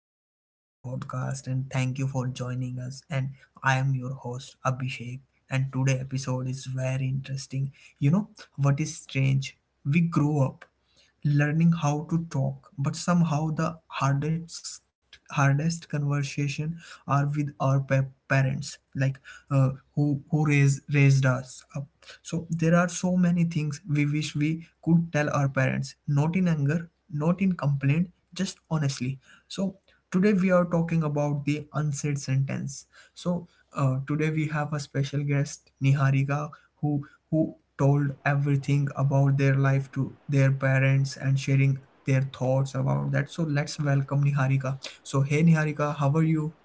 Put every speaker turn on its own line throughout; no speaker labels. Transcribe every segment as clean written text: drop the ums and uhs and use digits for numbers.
Welcome back to our podcast, and thank you for joining us. And I am your host Abhishek. And today episode is very interesting. You know what is strange? We grow up learning how to talk, but somehow the hardest conversation are with our parents. Like who raised us up. So there are so many things we wish we could tell our parents, not in anger, not in complaint, just honestly. So today we are talking about the unsaid sentence. So today we have a special guest, Niharika, who told everything about their life to their parents and sharing their thoughts about that. So let's welcome Niharika. So, hey Niharika, how are you?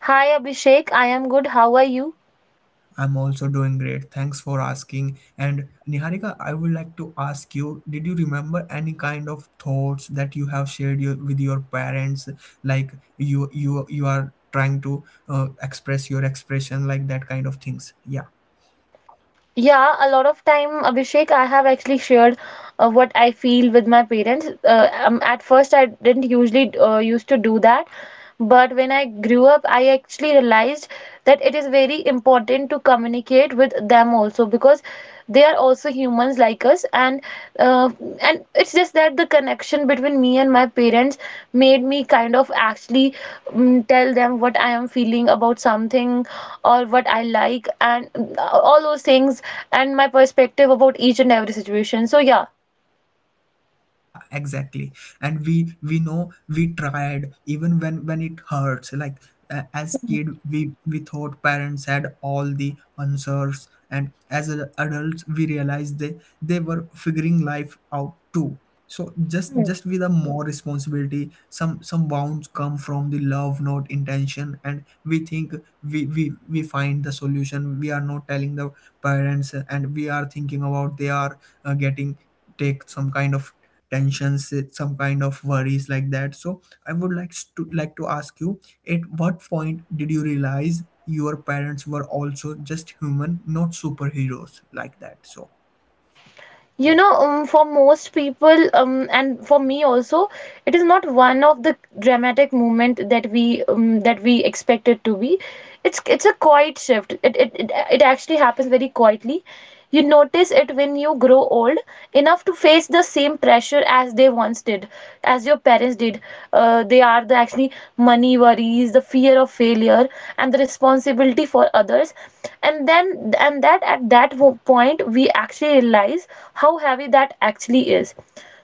Hi Abhishek, I am good. How are you?
I'm also doing great. Thanks for asking. And Niharika, I would like to ask you, did you remember any kind of thoughts that you have shared your, with your parents? Like you are trying to express your expression, like that kind of things. Yeah.
Yeah, a lot of time, Abhishek, I have actually shared what I feel with my parents. At first, I didn't usually used to do that, but when I grew up, I actually realized that it is very important to communicate with them also because they are also humans like us, uh, and it's just that the connection between me and my parents made me kind of actually tell them what I am feeling about something or what I like and all those things and my perspective about each and every situation. So yeah.
Yeah, exactly. And we know we tried even when it hurts. Like as kid, we thought parents had all the answers, and as adults, we realized they were figuring life out too. So just with a more responsibility, some bounds come from the love, not intention, and we we find the solution. We are not telling the parents, and we are thinking about they are getting take some kind of tensions, some kind of worries like that. So I would like to ask you, at what point did you realize your parents were also just human, not superheroes like that? So
For most people, and for me also, it is not one of the dramatic movement that we expect it to be. It's a quiet shift. It actually happens very quietly. You notice it when you grow old enough to face the same pressure as they once did, as your parents did. They are the actually money worries, the fear of failure, and the responsibility for others. And that point, we actually realize how heavy that actually is.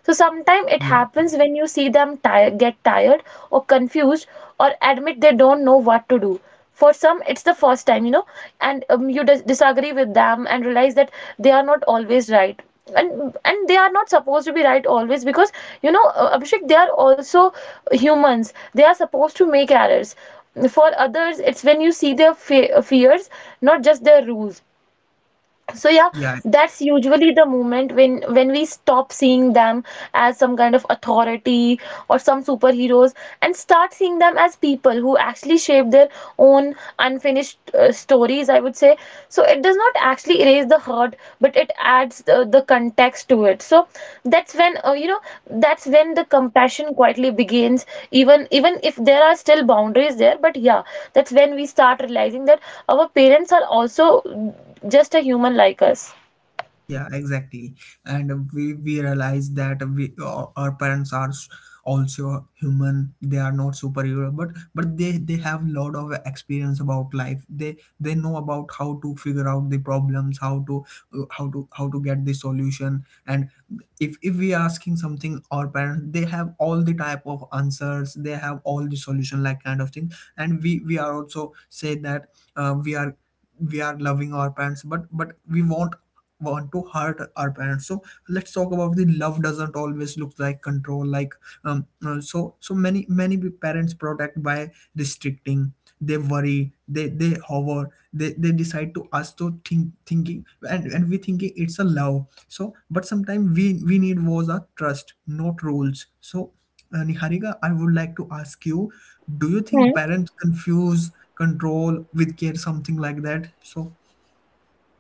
So sometimes it
yeah,
happens when you see them get tired or confused or admit they don't know what to do. For some it's the first time, you know, and you disagree with them and realize that they are not always right, and they are not supposed to be right always because, you know, Abhishek, they are also humans, they are supposed to make errors. For others it's when you see their fears, not just their rules. So yeah,
yeah.
that's usually the moment when we stop seeing them as some kind of authority or some superheroes and start seeing them as people who actually shape their own unfinished stories, I would say. So it does not actually erase the hurt, but it adds the context to it. So that's when, you know, that's when the compassion quietly begins, even if there are still boundaries there, but yeah, that's when we start realizing that our parents are also just a human like us.
Yeah, exactly. And we realize that we our parents are also human. They are not superhero, but they have lot of experience about life. They know about how to figure out the problems, how to how to get the solution. And if we are asking something our parents, they have all the type of answers. They have all the solution like kind of thing. And we are also say that uh, we are we are loving our parents, but we want to hurt our parents. So let's talk about the love doesn't always look like control. Like so so many parents protect by restricting. They worry, they hover, they decide to us to think thinking, and we thinking it's a love. So but sometimes we need was a trust, not rules. So Niharika, I would like to ask you, do you
Hmm.
think parents confuse control with care, something like that? So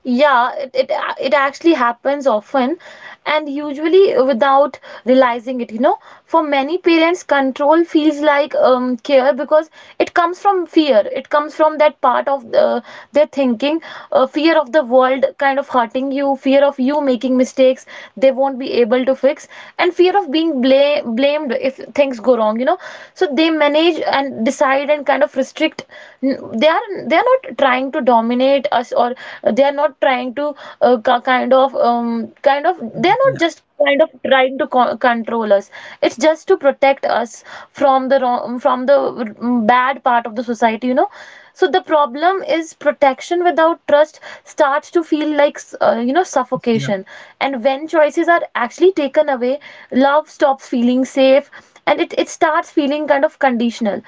Yeah, it it actually happens often and usually without realizing it, you know. For many parents, control feels like care because it comes from fear. It comes from that part of their thinking, fear of the world kind of hurting you, fear of you making mistakes they won't be able to fix, and fear of being blamed if things go wrong, you know. So they manage and decide and kind of restrict. They are not trying to dominate us, or they are not trying to kind of kind of, they are
yeah,
not just kind of trying to control us. It's just to protect us from the wrong, from the bad part of the society, you know. So the problem is protection without trust starts to feel like, you know,
yeah,
suffocation. And when choices are actually taken away, love stops feeling safe, and it starts feeling kind of conditional.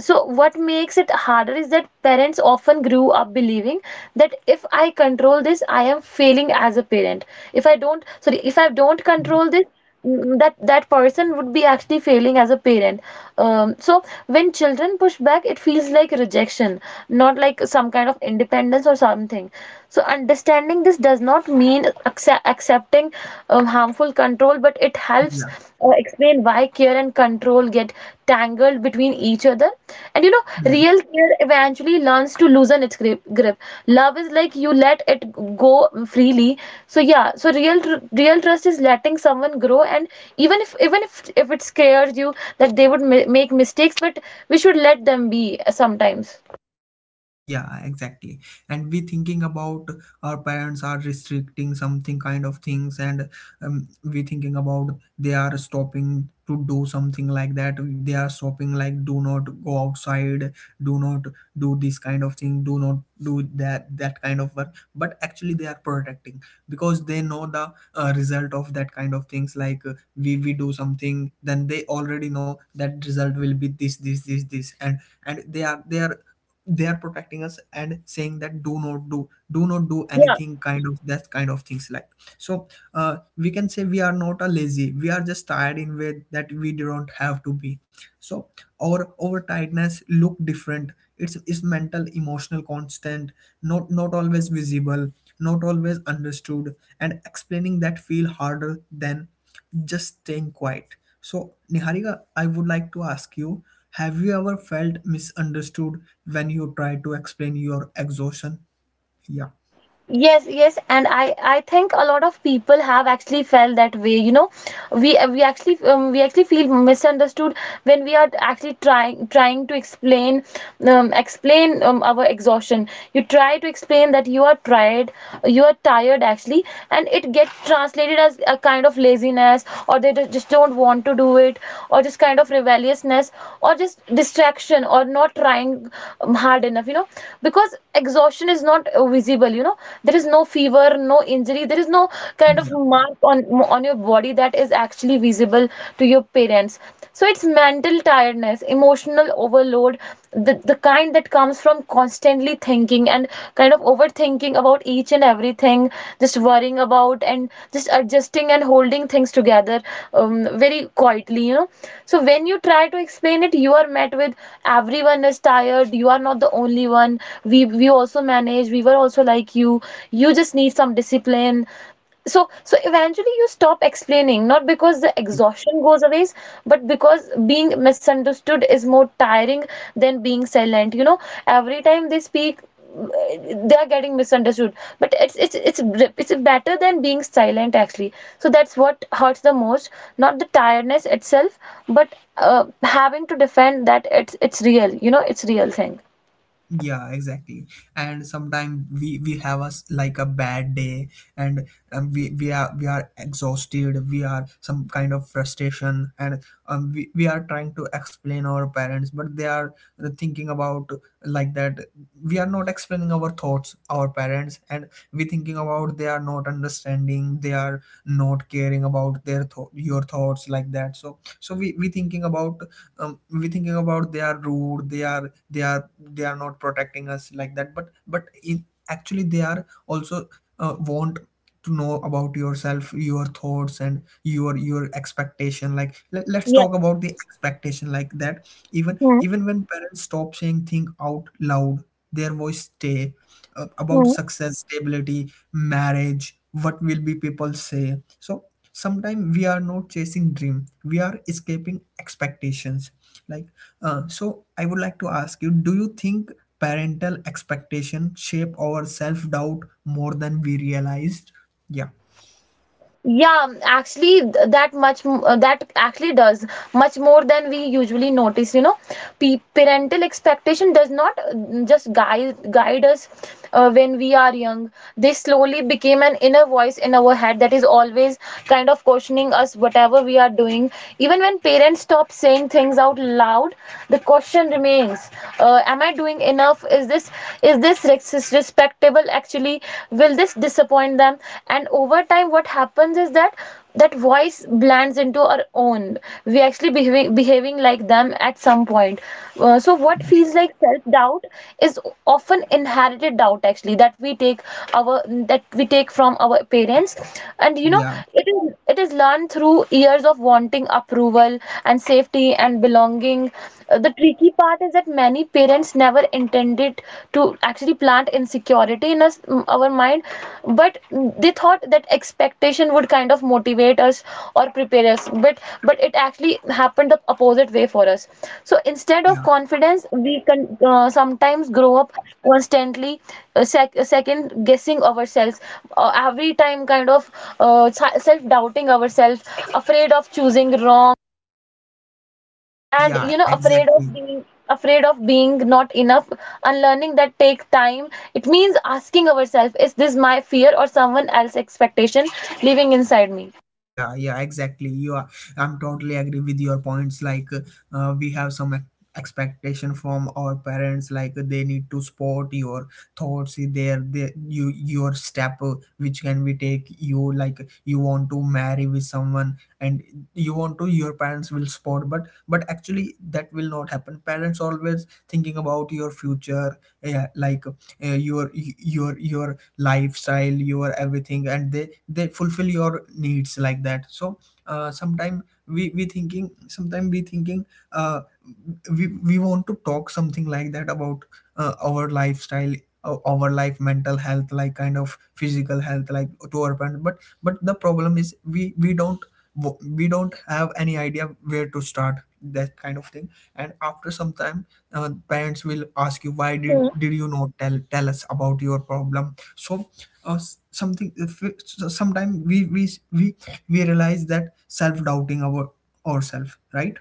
So what makes it harder is that parents often grew up believing that if I control this I am failing as a parent. If I don't, sorry, if I don't
yeah,
control this, that person would be actually failing as a parent. So when children push back it feels like rejection, not like some kind of independence or something. So understanding this does not mean accepting harmful control, but it helps
yeah.
explain why care and control get tangled between each other. And you know,
Hmm.
real care eventually learns to loosen its grip. Love is like you let it go freely. So yeah, so real real trust is letting someone grow, and even if it scares you that they would make mistakes, but we should let them be sometimes.
Yeah, exactly. And we thinking about our parents are restricting something kind of things, and we thinking about they are stopping to do something like that. They are stopping like do not go outside, do not do this kind of thing, do not do that kind of work. But actually, they are protecting because they know the result of that kind of things. Like we do something, then they already know that result will be this this this this, and and they are protecting us and saying that do not do anything kind of that kind of things. Like so uh, we can say we are not a lazy, we are just tired in way that we don't have to be. So our tiredness look different. It's mental, emotional, constant, not always visible, not always understood, and explaining that feel harder than just staying quiet. So Niharika, I would like to ask you, have you ever felt misunderstood when you try to explain your exhaustion? yeah,
Yes, yes, and I think a lot of people have actually felt that way. You know, we actually we actually feel misunderstood when we are actually trying to explain explain our exhaustion. You try to explain that you are tired actually, and it gets translated as a kind of laziness, or they just don't want to do it, or just kind of rebelliousness, or just distraction or not trying hard enough, you know, because exhaustion is not visible, you know. There is no fever, no injury, there is no kind of mark on your body that is actually visible to your parents. So it's mental tiredness, emotional overload, the kind that comes from constantly thinking and kind of overthinking about each and everything, just worrying about and just adjusting and holding things together very quietly, you know. So when you try to explain it you are met with: everyone is tired, you are not the only one, we also manage, we were also like you just need some discipline. So, so eventually you stop explaining, not because the
yeah.
exhaustion goes away, but because being misunderstood is more tiring than being silent. You know, every time they speak, they are getting misunderstood. But it's it's better than being silent actually. So that's what hurts the most, not the tiredness itself, but having to defend that it's real. You know, it's real thing.
Yeah, exactly. And sometimes we have us like a bad day, and we are exhausted, we are some kind of frustration, and we are trying to explain our parents, but they are thinking about like that we are not explaining our thoughts our parents, and we thinking about they are not understanding, they are not caring about their thought your thoughts like that. So so we thinking about we thinking about they are rude, they are they are not protecting us like that. But in, actually they are also want to know about yourself your thoughts and your expectation. Like let's
Yeah.
talk about the expectation like that. Even when parents stop saying thing out loud, their voice stay,
Hmm.
about success, stability, marriage, what will be people say. So sometimes we are not chasing dream, we are escaping expectations. Like so I would like to ask you, do you think parental expectation shape our self-doubt more than we realized? Yeah,
Yeah, actually, that much that actually does much more than we usually notice. You know, P parental expectation does not just guide us when we are young. They slowly became an inner voice in our head that is always kind of questioning us whatever we are doing. Even when parents stop saying things out loud, the question remains: am I doing enough? Is this respectable? Comfortable actually? Will this disappoint them? And over time what happens is that that voice blends into our own. We actually behaving like them at some point. So what feels
yeah,
like self doubt is often inherited doubt actually that we take our, that we take from our parents, and you know,
yeah,
it is, it is learned through years of wanting approval and safety and belonging. The tricky part is that many parents never intended to actually plant insecurity in us, our mind. But they thought that expectation would kind of motivate us or prepare us, but it actually happened the opposite way for us. So instead of
yeah,
confidence we can sometimes grow up constantly second guessing ourselves, every time kind of self doubting ourselves, afraid of choosing wrong, and you
yeah,
know, afraid of
exactly.
being, afraid of being not enough. Unlearning that take time. It means asking ourselves: is this my fear or someone else's expectation living inside me?
Yeah, yeah, exactly. You are, I'm totally agree with your points. Like we have some expectation from our parents, like they need to support your thoughts, their you your step, which can be take you. Like, you want to marry with someone, and you want to your parents will support, but actually that will not happen. Parents always thinking about your future, yeah, like your your lifestyle, your everything, and they fulfill your needs like that. So sometime we thinking uh, we want to talk something like that about our lifestyle, our life, mental health, like kind of physical health, like to our parents. But the problem is we don't, we don't have any idea where to start, that kind of thing. And after some time, parents will ask you why
Hmm.
did you not tell us about your problem. So s- something if it- so sometime we we realize that self doubting our ourselves, right?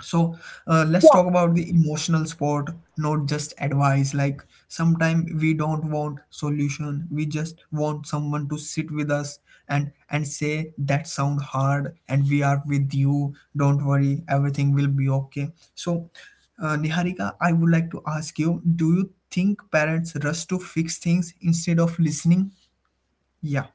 So let's
Yeah.
talk about the emotional support, not just advice. Like sometimes we don't want solution, we just want someone to sit with us and say that sound hard and we are with you, don't worry, everything will be okay. So Niharika, I would like to ask you, do you think parents rush to fix things instead of listening? Yeah,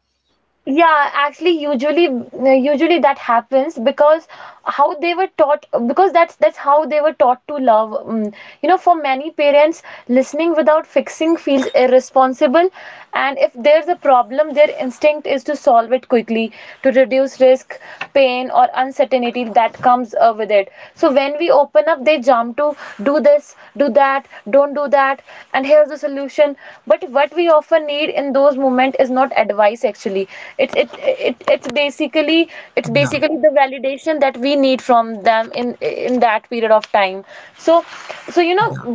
Yeah, actually, usually, usually that happens because how they were taught, because that's how they were taught to love. Mm, you know, for many parents, listening without fixing feels irresponsible, and if there's a problem, their instinct is to solve it quickly, to reduce risk, pain, or uncertainty that comes with it. So when we open up, they jump to: do this do that, don't do that, and here's the solution. But what we often need in those moments is not advice actually. It's basically, it's
yeah,
basically the validation that we need from them in that period of time. So so you know,
yeah,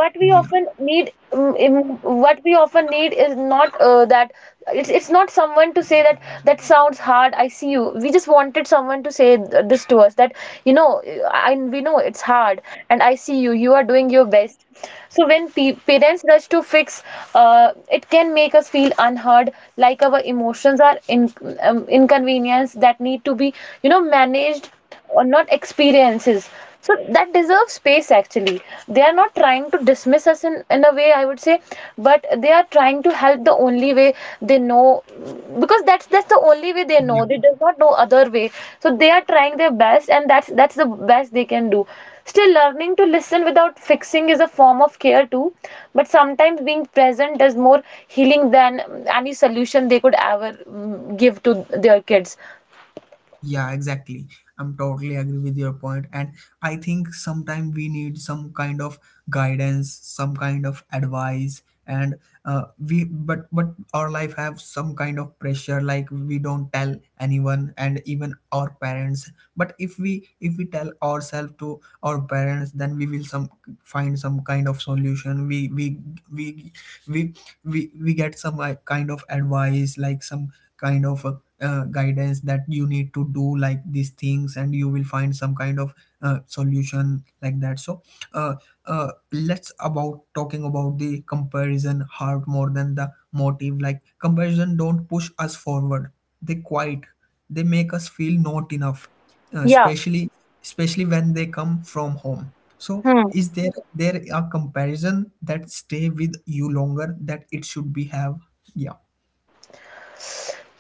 yeah,
what we often need is not that. It's not someone to say that, that sounds hard, I see you. We just wanted someone to say this to us, that you know, we know it's hard, and I see you, you are doing your best. So when pe parents rush to fix, uh, it can make us feel unheard, like our emotions are in inconvenience that need to be, you know, managed or not experiences. So that deserves space actually. They are not trying to dismiss us in a way I would say, but they are trying to help the only way they know, because that's the only way they
yeah.
know, they does not know other way. So they are trying their best and that's the best they can do. Still, learning to listen without fixing is a form of care too. But sometimes being present is more healing than any solution they could ever give to their kids.
Yeah, exactly. I'm totally agree with your point, and I think sometimes we need some kind of guidance, some kind of advice, and we but our life have some kind of pressure, like we don't tell anyone, and even our parents. But if we tell ourselves to our parents, then we will some find some kind of solution. We we we get some like, kind of advice, like some kind of guidance that you need to do like these things and you will find some kind of solution like that. So uh, let's about talking about the comparison heart more than the motive. Like comparison don't push us forward, they quiet, they make us feel not enough, uh,
Yeah.
especially especially when they come from home. So is there a comparison that stay with you longer that it should be have? Yeah,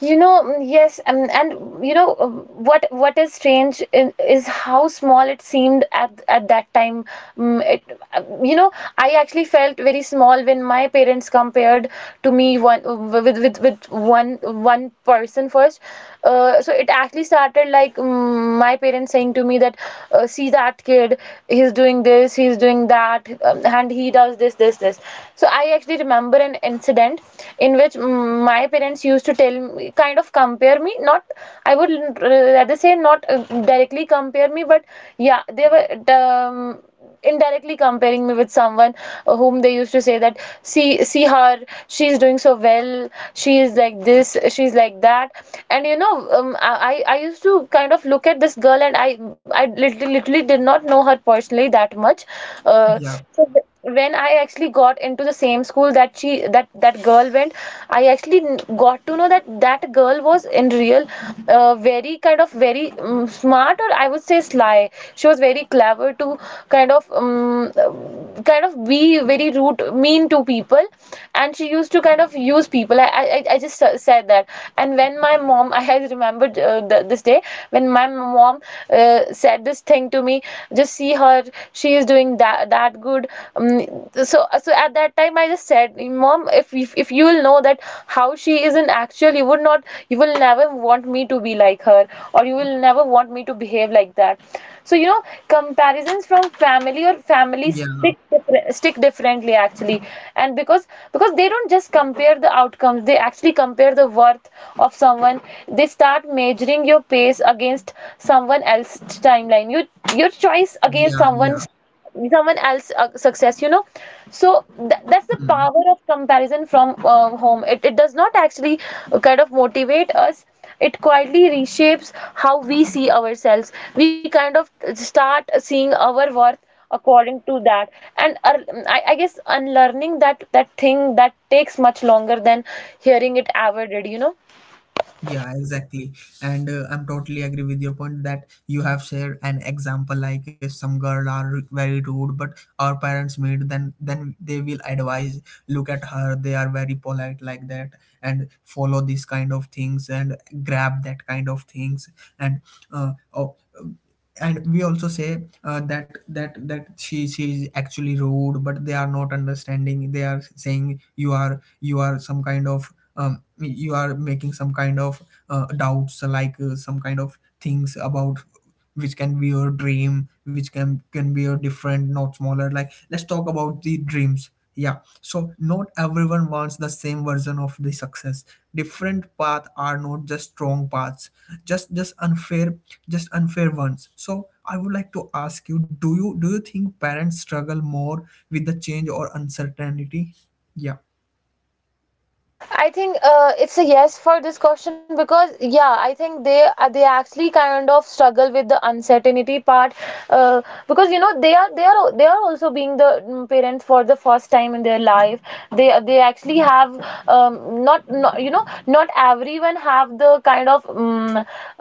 You know, yes, and you know what is strange is how small it seemed at that time. Mm, it, uh, you know, I actually felt very small when my parents compared to me one with one person first. So it actually started like my parents saying to me that, see that kid, he's doing this, he's doing that, and he does this, this. So I actually remember an incident in which my parents used to tell me kind of compare me not I would rather say not directly compare me but yeah they were indirectly comparing me with someone whom they used to say that see her, she's doing so well, she is like this, she's like that. And you know, I used to kind of look at this girl, and I literally, literally did not know her personally that much. uh,
yeah,
so when I actually got into the same school that she that that girl went, I actually got to know that that girl was in real very kind of very smart, or I would say sly. She was very clever to kind of um, kind of be very rude, mean to people, and she used to kind of use people. I just said that. And when my mom, I had remembered this day when my mom said this thing to me, just see her, she is doing that good. Um, so so at that time I just said, mom, if you will know that how she is in actual, you would not, you will never want me to be like her, or you will never want me to behave like that. So you know, comparisons from family or family
yeah,
stick stick differently actually. And because they don't just compare the outcomes, they actually compare the worth of someone. They start measuring your pace against someone else's timeline, your choice against
yeah, yeah.
someone's someone else's success, you know. So that's the
Mm.
power of comparison from home. It does not actually kind of motivate us, it quietly reshapes how we see ourselves. We kind of start seeing our worth according to that. And I guess unlearning that thing, that takes much longer than hearing it ever did, you know.
Yeah, exactly. And I'm totally agree with your point that you have shared an example. Like if some girl are very rude, but our parents meet, then they will advise, look at her, they are very polite like that, and follow these kind of things and grab that kind of things. And uh, oh, and we also say that she is actually rude, but they are not understanding, they are saying you are some kind of you are making some kind of doubts like some kind of things about which can be your dream, which can be your different, not smaller. Like let's talk about the dreams. Yeah, so not everyone wants the same version of the success. Different paths are not just strong paths, just just unfair, just unfair ones. So I would like to ask you, do you think parents struggle more with the change or uncertainty? Yeah,
I think it's a yes for this question, because yeah, I think they actually kind of struggle with the uncertainty part. uh, because you know, they are also being the parents for the first time in their life. They actually have not you know, not everyone have the kind of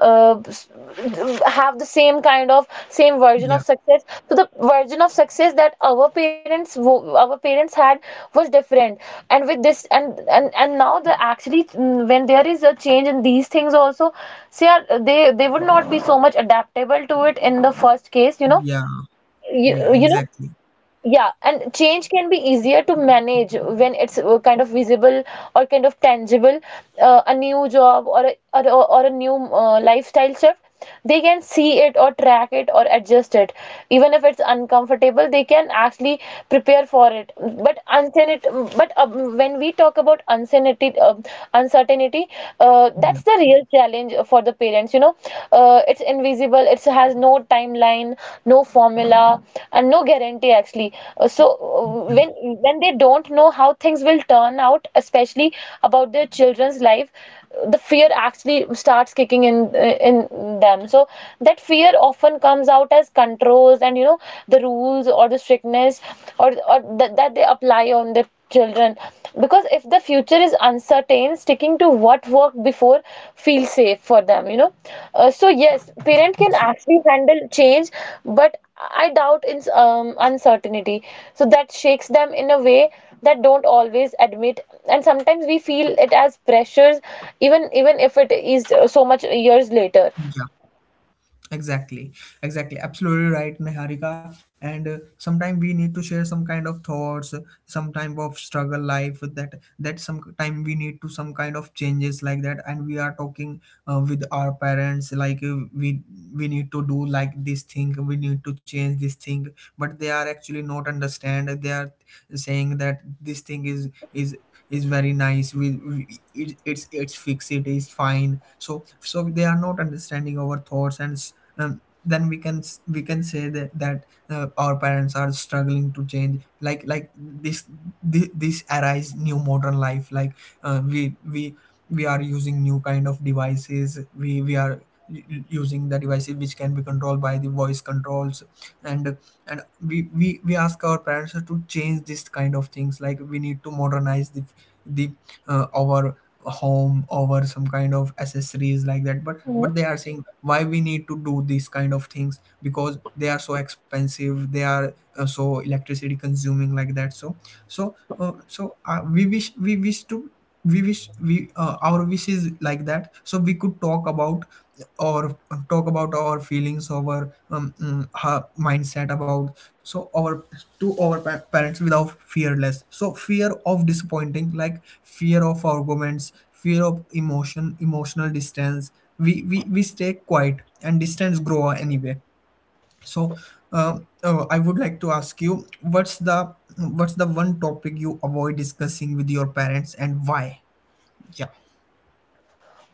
uh, s- have the same kind of same version
yeah,
of success. So the version of success that our parents had was different. And with this, and now the actually, when there is a change in these things also, they are they would not be so much adaptable to it in the first case, you know.
yeah, yeah,
you, you know
exactly.
yeah, and change can be easier to manage when it's kind of visible or kind of tangible. A new job, or or a new lifestyle shift, they can see it, or track it, or adjust it. Even if it's uncomfortable, they can actually prepare for it. But unsanit, but When we talk about uncertainty,
Yeah,
that's the real challenge for the parents, you know. It's invisible, it has no timeline, no formula, and no guarantee actually. Uh, so
yeah,
uh, when when they don't know how things will turn out, especially about their children's life, the fear actually starts kicking in in them. So that fear often comes out as controls, and you know, the rules or the strictness, that they apply on their children. Because if the future is uncertain, sticking to what worked before feels safe for them, you know. So yes, parent can
yeah,
actually handle change, but I doubt in uncertainty. So that shakes them in a way that don't always admit, and sometimes we feel it as pressures, even if it is so much years later.
yeah. Exactly, exactly, absolutely right, Niharika. And sometimes we need to share some kind of thoughts, some type of struggle life that sometime we need to some kind of changes like that. And we are talking with our parents like we need to do like this thing, we need to change this thing, but they are actually not understand. They are saying that this thing is very nice. We it's fixed, it is fine. So they are not understanding our thoughts. And then we can we can say that our parents are struggling to change like this arise new modern life. Like uh, we we we are using new kind of devices. We are using the devices which can be controlled by the voice controls, and we ask our parents to change this kind of things, like we need to modernize the our home over some kind of accessories like that. but
Mhm.
but they are saying, why we need to do these kind of things? Because they are so expensive, they are so electricity consuming like that. So we wish, we wish to we wish we our wish is like that, so we could talk about, or talk about our feelings, our mindset about, so our to our parents without fearless, so fear of disappointing, like fear of arguments, fear of emotion, emotional distance. We stay quiet and distance grow anyway. So I would like to ask you, what's the one topic you avoid discussing with your parents and why? Yeah,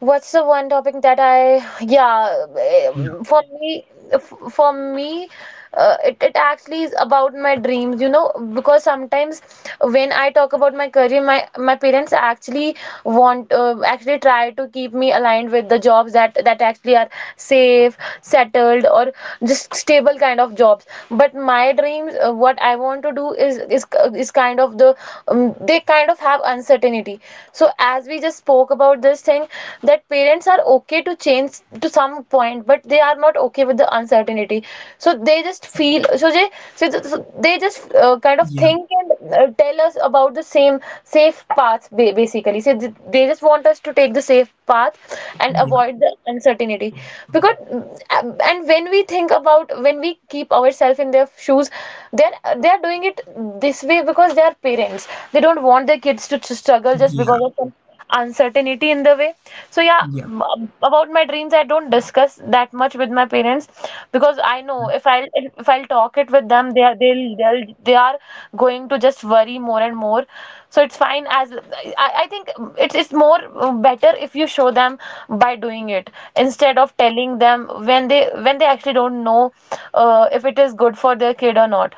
What's the one topic that I, yeah,
yeah,
for me, for me, it actually is about my dreams, you know. Because sometimes when I talk about my career, my parents actually actually try to keep me aligned with the jobs that that actually are safe, settled, or just stable kind of jobs. But my dreams, what I want to do is is kind of the, they kind of have uncertainty. So as we just spoke about this thing, that parents are okay to change to some point, but they are not okay with the uncertainty. So they just feel, so they so so they just kind of
yeah,
think and tell us about the same safe path basically. So they just want us to take the safe path and
yeah,
avoid the uncertainty. Because uh, and when we think about, when we keep ourselves in their shoes, they're doing it this way because they are parents. They don't want their kids to struggle just because of
yeah,
some uncertainty in the way. So yeah.
yeah.
About my dreams, I don't discuss that much with my parents, because I know if I'll, if I'll talk it with them, they are they'll they are going to just worry more and more. So it's fine. As I think it's more better if you show them by doing it, instead of telling them, when they, when they actually don't know if it is good for their kid or not.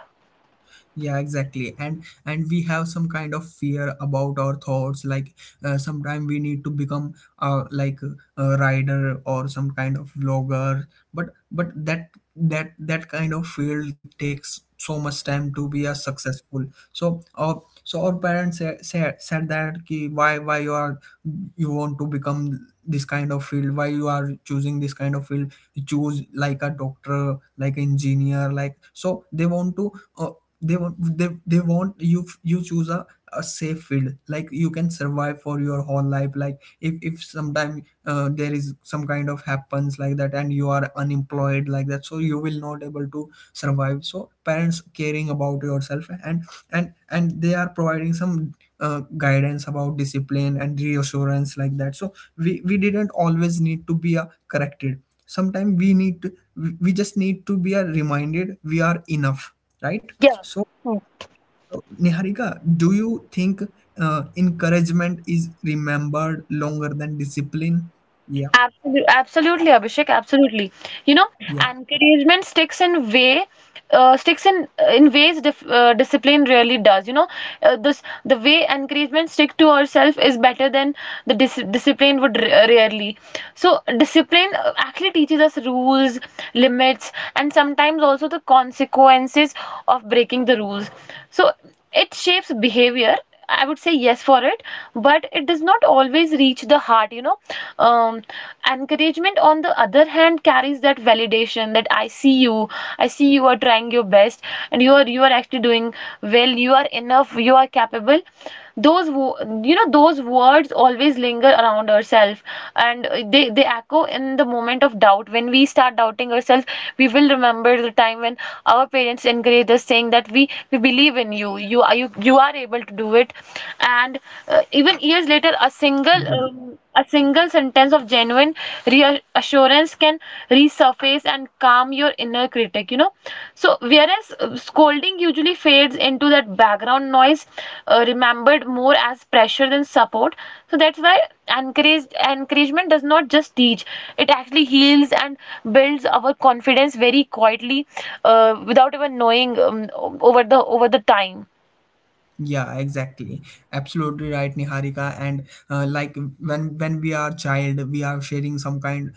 Yeah, exactly, and we have some kind of fear about our thoughts, like sometime we need to become like a rider or some kind of vlogger. But that that kind of field takes so much time to be a successful. So our parents said that ki, why you are, you want to become this kind of field? Why you are choosing this kind of field? Choose like a doctor, like engineer, like. So they want to uh, they want you, you choose a safe field, like you can survive for your whole life. Like if sometime there is some kind of happens like that and you are unemployed like that, so you will not able to survive. So parents caring about yourself. And they are providing some guidance about discipline and reassurance like that. So we didn't always need to be corrected. Sometimes we need to, we just need to be reminded we are enough. Right.
Yeah.
So, so, Niharika, do you think encouragement is remembered longer than discipline? Yeah,
Absolutely, absolutely, Abhishek, absolutely. You know,
yeah,
encouragement sticks in way, sticks in ways dif discipline really does. You know, this the way encouragement stick to ourselves is better than the discipline would r rarely. So discipline actually teaches us rules, limits, and sometimes also the consequences of breaking the rules. So it shapes behavior, I would say yes for it, but it does not always reach the heart, you know. Um, Encouragement, on the other hand, carries that validation that I see you are trying your best, and you are actually doing well, you are enough, you are capable. Those, you know, those words always linger around ourselves, and they echo in the moment of doubt. When we start doubting ourselves, we will remember the time when our parents encouraged us, saying that we believe in you, you are you are able to do it. And even years later,
yeah.
a single sentence of genuine reassurance can resurface and calm your inner critic, you know. So whereas scolding usually fades into that background noise, remembered more as pressure than support. So that's why encouragement does not just teach, it actually heals and builds our confidence very quietly, without even knowing, over the time.
Yeah, exactly. Absolutely right, Niharika. And like when we are child, we are sharing some kind,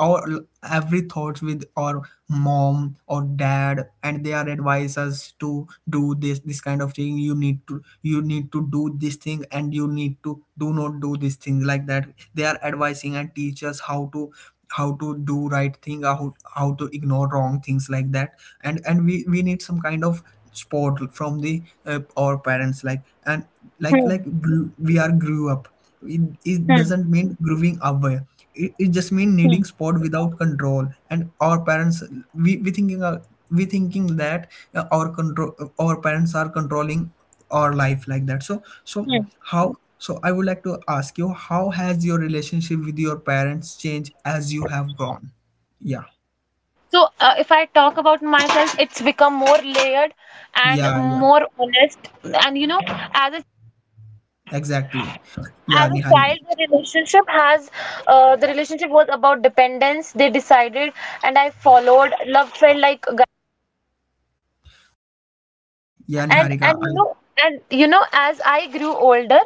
our every thoughts with our mom or dad, and they are advise us to do this kind of thing. You need to, you need to do this thing, and you need to do not do this thing like that. They are advising and teach us how to, how to do right thing, how to ignore wrong things like that. And we need some kind of support from the our parents, like. And
Hmm,
we are grew up. It
hmm,
doesn't mean growing away, it just mean
hmm,
needing support without control. And our parents, we we thinking uh, we thinking that our control, our parents are controlling or life like that. so
hmm.
so how so I would like to ask you, how has your relationship with your parents changed as you have grown? Yeah,
So, if I talk about myself, it's become more layered and
yeah, yeah,
more honest. And you know, as a
exactly.
as
Yeah,
a child,
Niharika.
the relationship has the relationship was about dependence. They decided, and I followed. Love felt like a gu-
Yeah,
and
Niharika,
and you
I.
know and you know, as I grew older,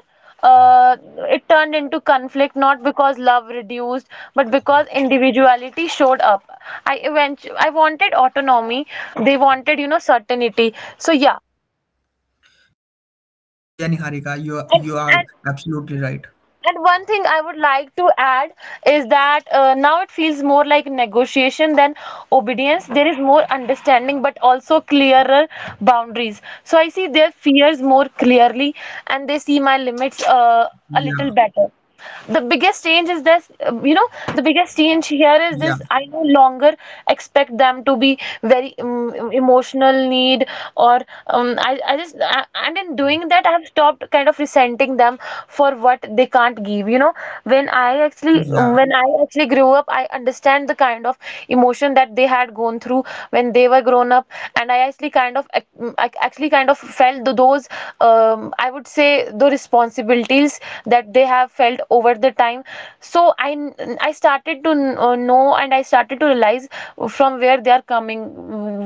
uh, it turned into conflict, not because love reduced, but because individuality showed up. I eventually, I wanted autonomy. They wanted, you know, certainty. So yeah.
Yeah, Niharika,
And
you are
and
absolutely right.
and one thing I would like to add is that now it feels more like negotiation than obedience. There is more understanding, but also clearer boundaries. So I see their fears more clearly, and they see my limits, a little
Yeah,
better. The biggest change is this, you know, the biggest change here is
yeah,
this, I no longer expect them to be very emotional need, or and in doing that, I have stopped kind of resenting them for what they can't give, you know. When I actually,
yeah,
when I actually grew up, I understand the kind of emotion that they had gone through when they were grown up. And I actually kind of actually kind of felt those, I would say the responsibilities that they have felt over the time. So I started to know, and I started to realize from where they are coming,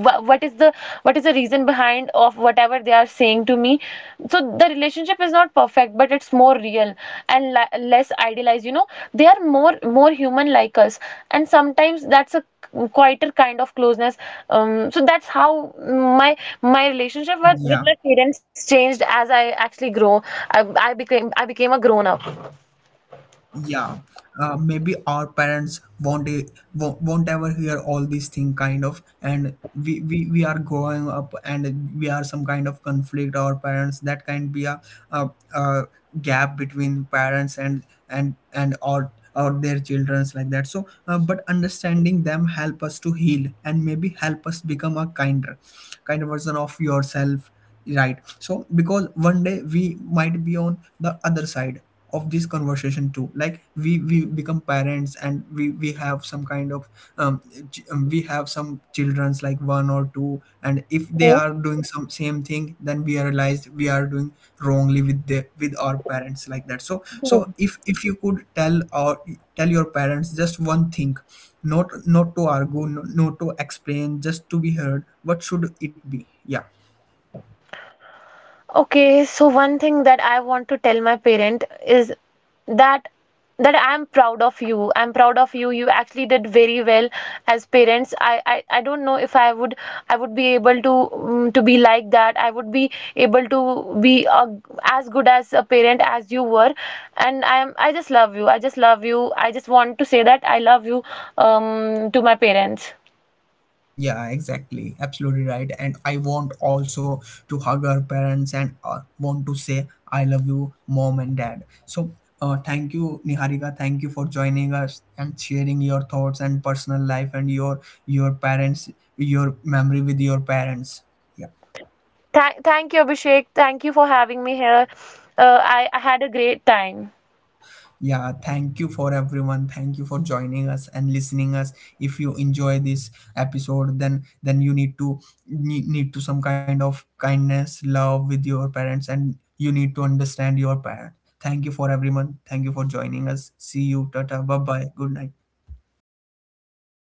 what is the, what is the reason behind of whatever they are saying to me. So the relationship is not perfect, but it's more real and less idealized, you know. They are more, more human like us, and sometimes that's a quieter kind of closeness. So that's how my my relationship with
yeah.
my parents changed, as I actually grow. I became a grown up.
Yeah, maybe our parents won't e- wo- won't ever hear all these thing kind of, and we are growing up and we are some kind of conflict. Our parents, that can be a gap between parents and or their childrens like that. So, but understanding them help us to heal and maybe help us become a kinder, kind version of yourself. Right. So because one day we might be on the other side of this conversation too, like we become parents and we have some kind of um, we have some children's like one or two. And if they are doing some same thing, then we realize we are doing wrongly with the with our parents like that. So if you could tell, or tell your parents just one thing, not to argue, no, not to explain, just to be heard, what should it be? Yeah.
Okay, so one thing that I want to tell my parent is that that I'm proud of you. I'm proud of you. You actually did very well as parents. I don't know if I would, I would be able to be like that. I would be able to be a, as good as a parent as you were. And I'm I just love you. I just love you. I just want to say that I love you, to my parents.
Yeah, exactly. Absolutely right. And I want also to hug her parents and want to say, I love you, mom and dad. So, thank you, Niharika. Thank you for joining us and sharing your thoughts and personal life and your parents, your memory with your parents. Yeah.
Thank you, Abhishek. Thank you for having me here. I had a great time.
Yeah, thank you for everyone, thank you for joining us and listening us. If you enjoy this episode, then you need to, need to some kind of kindness love with your parents, and you need to understand your parent. Thank you for everyone, thank you for joining us. See you. Tata, bye bye, good night.